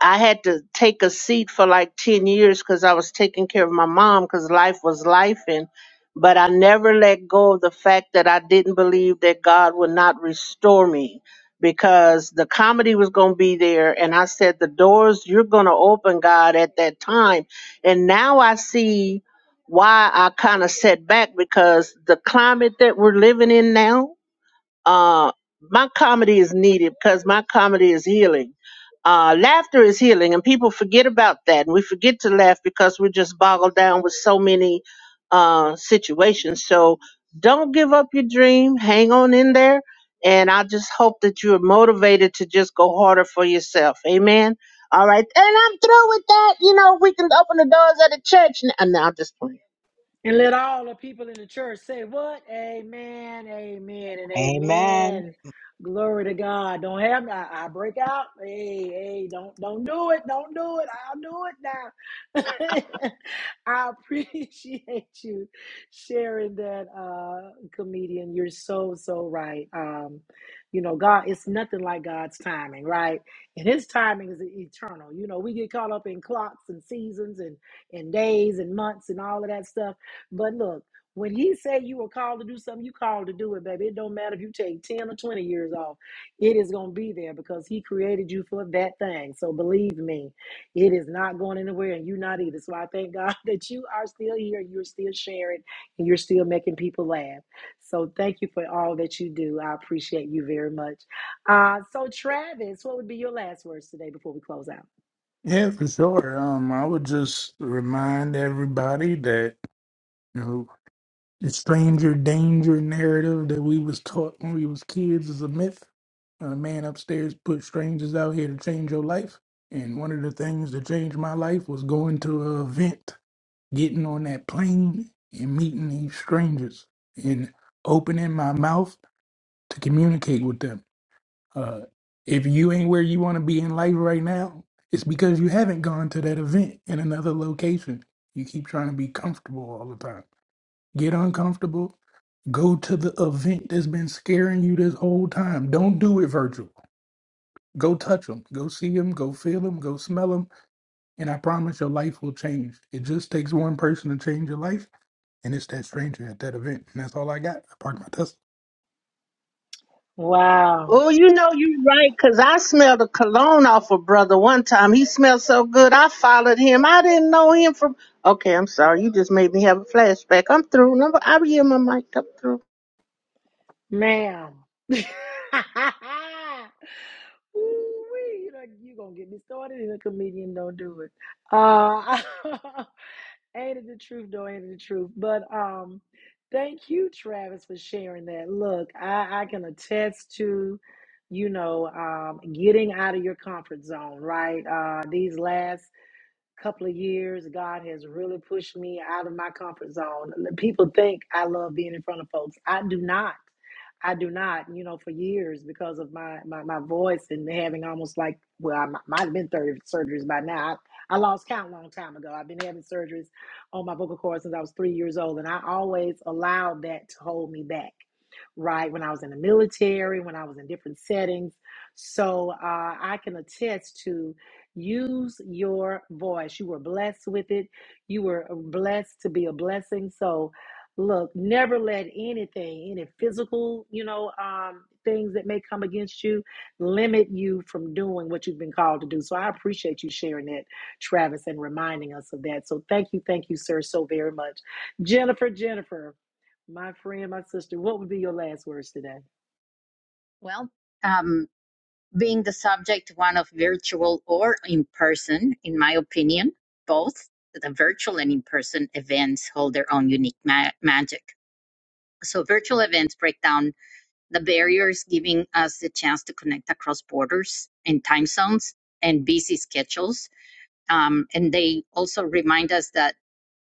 S5: I had to take a seat for like 10 years because I was taking care of my mom because life was life. And, but I never let go of the fact that I didn't believe that God would not restore me because the comedy was going to be there. And I said, the doors you're going to open, God, at that time. And now I see why I kind of set back because the climate that we're living in now, uh, my comedy is needed because my comedy is healing. Uh, laughter is healing, and people forget about that. And we forget to laugh because we're just boggled down with so many uh, situations. So don't give up your dream. Hang on in there. And I just hope that you are motivated to just go harder for yourself. Amen. All right. And I'm through with that. You know, we can open the doors of the church. n- And now I'm just playing.
S1: And let all the people in the church say, What? Amen, amen, and
S4: Amen.
S1: amen. Glory to God. Don't have me. I, I break out. Hey, hey, don't don't do it. Don't do it. I'll do it now. I appreciate you sharing that, uh, comedian. You're so, so right. Um, you know, God, it's nothing like God's timing, right? And his timing is eternal. You know, we get caught up in clocks and seasons and and days and months and all of that stuff but look, when he say you were called to do something, you called to do it, baby. It don't matter if you take 10 or 20 years off. It is going to be there because he created you for that thing. So believe me, it is not going anywhere and you not either. So I thank God that you are still here, you're still sharing, and you're still making people laugh. So thank you for all that you do. I appreciate you very much. Uh, so Travis, what would be your last words today before we close out?
S6: Yeah, for sure. Um, I would just remind everybody that you know, The stranger danger narrative that we was taught when we was kids is a myth. A man upstairs put strangers out here to change your life. And one of the things that changed my life was going to an event, getting on that plane and meeting these strangers and opening my mouth to communicate with them. Uh, if you ain't where you want to be in life right now, it's because you haven't gone to that event in another location. You keep trying to be comfortable all the time. Get uncomfortable Go to the event that's been scaring you this whole time. Don't do it virtual. Go touch them. Go see them. Go feel them. Go smell them. And I promise your life will change. It just takes one person to change your life. And it's that stranger at that event. And that's all I got. I parked my Tesla.
S1: Wow.
S5: Oh, you know you right, cause I smelled a cologne off a brother one time. He smelled so good, I followed him. I didn't know him from. Okay, I'm sorry. You just made me have a flashback. I'm through. Number, I will hear my mic. Come through.
S1: Ma'am. Ooh-wee, you done- you gonna get me started and a comedian don't do it. Uh ain't it the truth though, ain't it the truth. But um thank you, Travis, for sharing that. Look, I, I can attest to, you know, um getting out of your comfort zone, right? Uh these last couple of years, God has really pushed me out of my comfort zone. People think I love being in front of folks. I do not. I do not, you know, for years because of my my, my voice and having almost like well, I mi- might have been thirty surgeries by now. I, I lost count a long time ago. I've been having surgeries on my vocal cords since I was three years old, and I always allowed that to hold me back. Right when I was in the military, when I was in different settings, so uh, I can attest to. Use your voice. You were blessed with it. You were uh, blessed to be a blessing. So, look, never let anything, any physical, you know, um, things that may come against you limit you from doing what you've been called to do. So, I appreciate you sharing that, Travis, and reminding us of that. So, thank you, thank you, sir, so very much. Jennifer, Jennifer, my friend, my sister, what would be your last words today?
S3: Well, um, being the subject one of virtual or in person, in my opinion, both the virtual and in person events hold their own unique ma- magic. So, virtual events break down the barriers, giving us the chance to connect across borders and time zones and busy schedules Um, and they also remind us that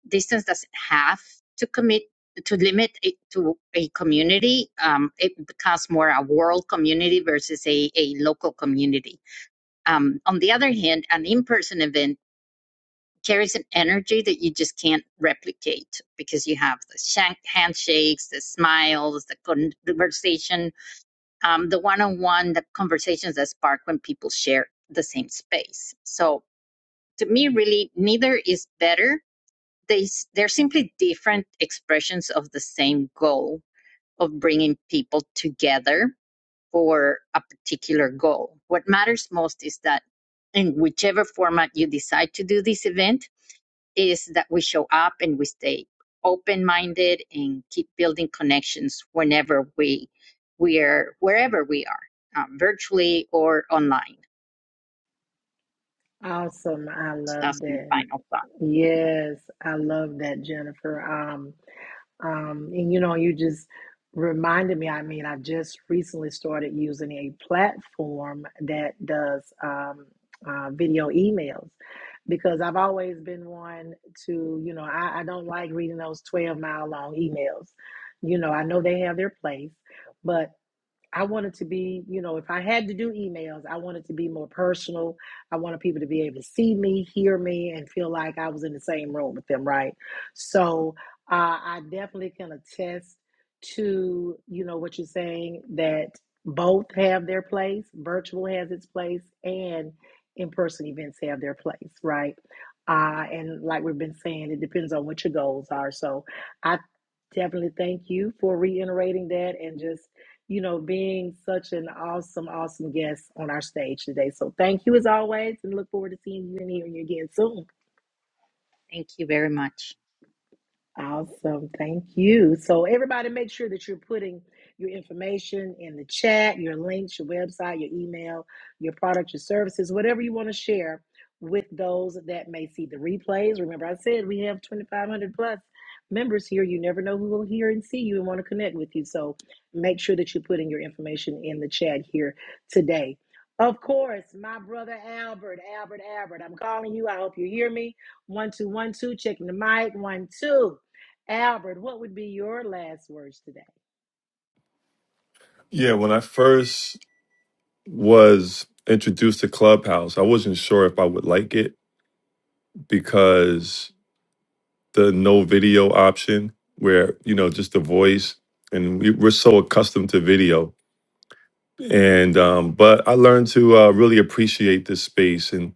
S3: distance doesn't have to commit to limit it to a community. Um, it becomes more a world community versus a, a local community. Um, on the other hand, an in-person event carries an energy that you just can't replicate because you have the shank- handshakes, the smiles, the con- conversation, um, the one-on-one, the conversations that spark when people share the same space. So to me, really, neither is better they they're simply different expressions of the same goal of bringing people together for a particular goal. What matters most is that in whichever format you decide to do this event is that we show up and we stay open minded and keep building connections whenever we we are wherever we are um, virtually or online
S1: Awesome. I
S3: so
S1: love
S3: that's my
S1: that.
S3: final thought
S1: Yes, I love that, Jennifer. Um, um, and you know, you just reminded me, I mean, I just recently started using a platform that does um, uh, video emails because I've always been one to, you know, I, I don't like reading those 12 mile long emails. You know, I know they have their place, but I want it to be, you know, if I had to do emails, I want it to be more personal. I wanted people to be able to see me, hear me, and feel like I was in the same room with them, right? So uh, I definitely can attest to, you know, what you're saying that both have their place. Virtual has its place, and in-person events have their place, right? Uh, and like we've been saying, it depends on what your goals are. So I definitely thank you for reiterating that and just you know, being such an awesome, awesome guest on our stage today. So thank you as always and look forward to seeing you and hearing you again soon.
S3: thank you very much
S1: Awesome. Thank you. So, everybody, make sure that you're putting your information in the chat, your links, your website, your email, your product, your services, whatever you want to share with those that may see the replays. Remember, I said we have 2,500 plus members here. You never know who will hear and see you and want to connect with you. So, make sure that you're putting your information in the chat here today. Of course, my brother Albert, Albert, Albert, I'm calling you. I hope you hear me. One, two, one, two, checking the mic. One, two. Albert, what would be your last words today?
S2: Yeah, when I first was introduced to Clubhouse, I wasn't sure if I would like it because the no video option where you know just the voice and we, we're so accustomed to video and um but i learned to uh really appreciate this space and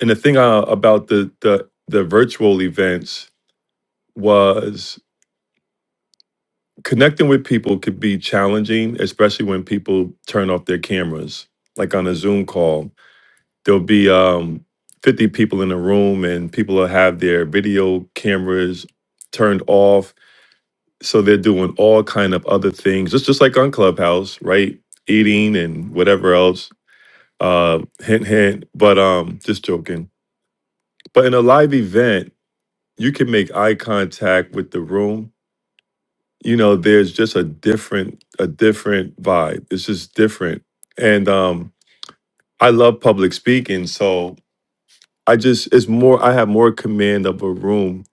S2: and the thing uh, about the the the virtual events was connecting with people could be challenging especially when people turn off their cameras like on a zoom call there'll be um 50 people in a room and people will have their video cameras turned off so they're doing all kind of other things just just like on clubhouse right eating and whatever else uh hint hint but um just joking but in a live event you can make eye contact with the room you know there's just a different a different vibe it's just different and um i love public speaking so i just it's more i have more command of a room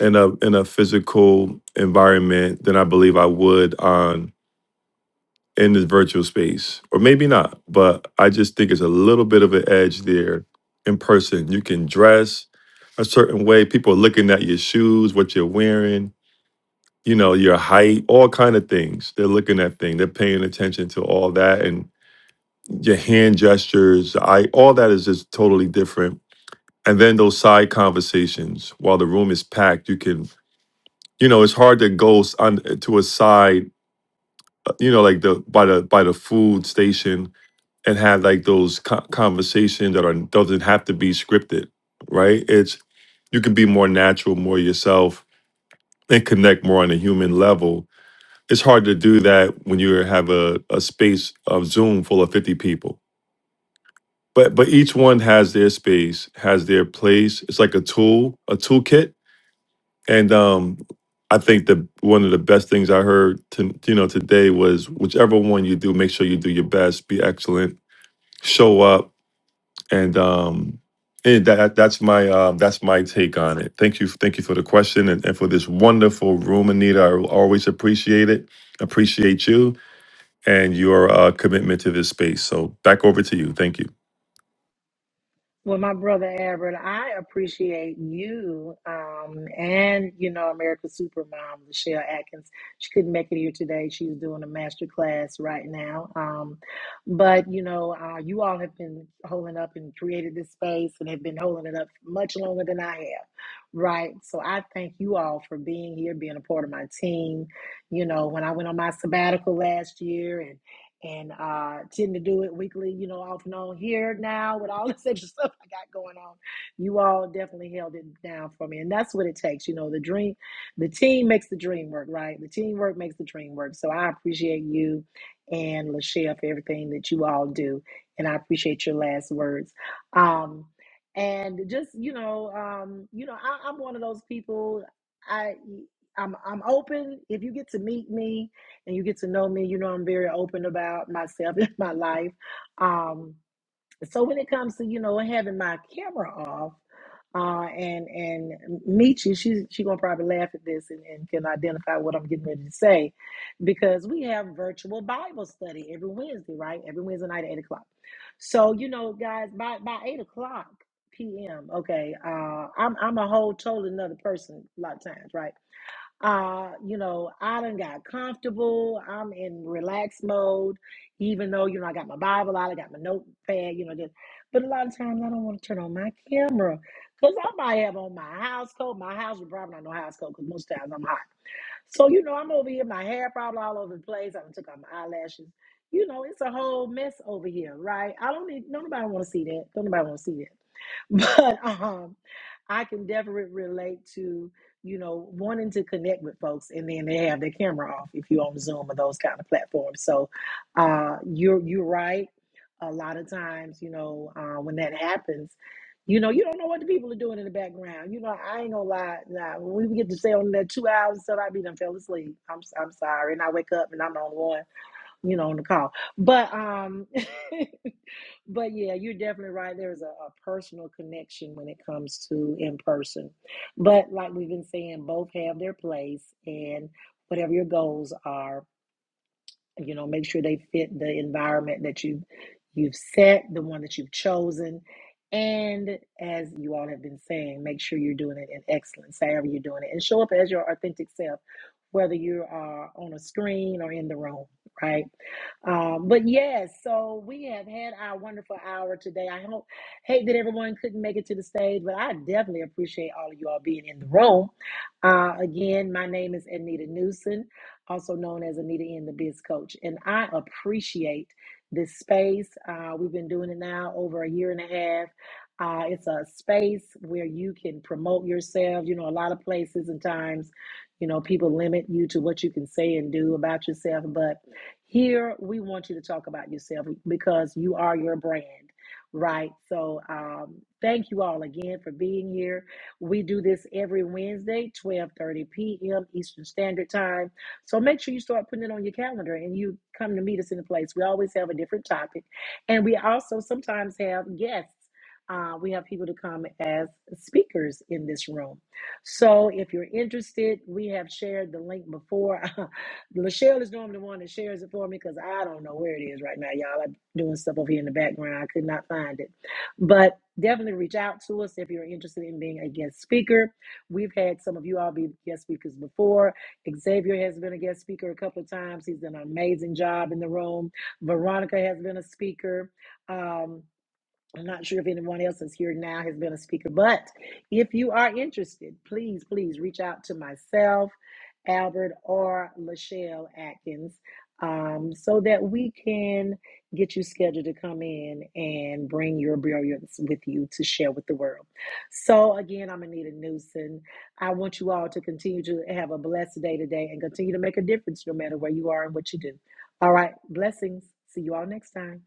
S2: in a in a physical environment than i believe i would on in this virtual space, or maybe not, but I just think it's a little bit of an edge there in person. You can dress a certain way. People are looking at your shoes, what you're wearing, you know, your height, all kind of things. They're looking at things. They're paying attention to all that, and your hand gestures. I all that is just totally different. And then those side conversations while the room is packed, you can. You know, it's hard to go s- on to a side, uh, you know, like the by the by the food station and have like those co- conversations that are doesn't have to be scripted, right? It's you can be more natural, more yourself, and connect more on a human level. It's hard to do that when you have a, a space of Zoom full of 50 people. But but each one has their space, has their place. It's like a tool, a toolkit. And um I think the one of the best things I heard to you know today was whichever one you do, make sure you do your best, be excellent, show up, and um and that that's my uh, that's my take on it. Thank you, thank you for the question and, and for this wonderful room, Anita. I always appreciate it, appreciate you and your uh, commitment to this space. So back over to you. Thank you.
S1: Well, my brother Albert, I appreciate you um, and, you know, America's Supermom, Michelle Atkins. She couldn't make it here today. She's doing a master class right now. Um, but, you know, uh, you all have been holding up and created this space and have been holding it up much longer than I have, right? So I thank you all for being here, being a part of my team. You know, when I went on my sabbatical last year and and uh tend to do it weekly, you know, off and on here now with all this extra stuff I got going on. You all definitely held it down for me. And that's what it takes. You know, the dream the team makes the dream work, right? The teamwork makes the dream work. So I appreciate you and Lachelle for everything that you all do. And I appreciate your last words. Um and just, you know, um, you know, I, I'm one of those people I I'm I'm open. If you get to meet me, and you get to know me. You know, I'm very open about myself and my life. Um, so when it comes to you know having my camera off, uh, and and Michi, she's she gonna probably laugh at this and, and can identify what I'm getting ready to say, because we have virtual Bible study every Wednesday, right? Every Wednesday night at eight o'clock. So you know, guys, by by eight o'clock p.m. Okay, uh, I'm I'm a whole totally another person a lot of times, right? uh you know i done got comfortable i'm in relaxed mode even though you know i got my bible out i got my notepad you know just but a lot of times i don't want to turn on my camera because i might have on my house coat my house is probably not no house coat because most times i'm hot so you know i'm over here my hair probably all over the place i done took out my eyelashes you know it's a whole mess over here right i don't need don't nobody want to see that don't nobody want to see that but um, I can definitely relate to you know wanting to connect with folks, and then they have their camera off if you're on Zoom or those kind of platforms. So uh, you're you're right. A lot of times, you know, uh, when that happens, you know, you don't know what the people are doing in the background. You know, I ain't gonna lie. Nah, when we get to stay on that two hours, so I be done fell asleep. I'm I'm sorry, and I wake up and I'm the only one, you know, on the call. But um, but yeah, you're definitely right. There's a, a personal connection when it comes to in person. But like we've been saying, both have their place and whatever your goals are, you know make sure they fit the environment that you you've set the one that you've chosen and as you all have been saying make sure you're doing it in excellence however you're doing it and show up as your authentic self whether you are on a screen or in the room right um, but yes so we have had our wonderful hour today i hope hate that everyone couldn't make it to the stage but i definitely appreciate all of you all being in the room uh, again my name is anita newson also known as Anita in the Biz Coach. And I appreciate this space. Uh, we've been doing it now over a year and a half. Uh, it's a space where you can promote yourself. You know, a lot of places and times, you know, people limit you to what you can say and do about yourself. But here, we want you to talk about yourself because you are your brand, right? So, um, thank you all again for being here. We do this every Wednesday, 12:30 p.m. Eastern Standard Time. So make sure you start putting it on your calendar and you come to meet us in the place. We always have a different topic. And we also sometimes have guests. Uh, we have people to come as speakers in this room. So if you're interested, we have shared the link before. Lachelle is normally the one that shares it for me because I don't know where it is right now, y'all. I'm doing stuff over here in the background. I could not find it. But definitely reach out to us if you're interested in being a guest speaker. We've had some of you all be guest speakers before. Xavier has been a guest speaker a couple of times. He's done an amazing job in the room. Veronica has been a speaker. Um, I'm not sure if anyone else is here now has been a speaker, but if you are interested, please, please reach out to myself, Albert, or Lachelle Atkins um, so that we can get you scheduled to come in and bring your brilliance with you to share with the world. So, again, I'm Anita Newsom. I want you all to continue to have a blessed day today and continue to make a difference no matter where you are and what you do. All right, blessings. See you all next time.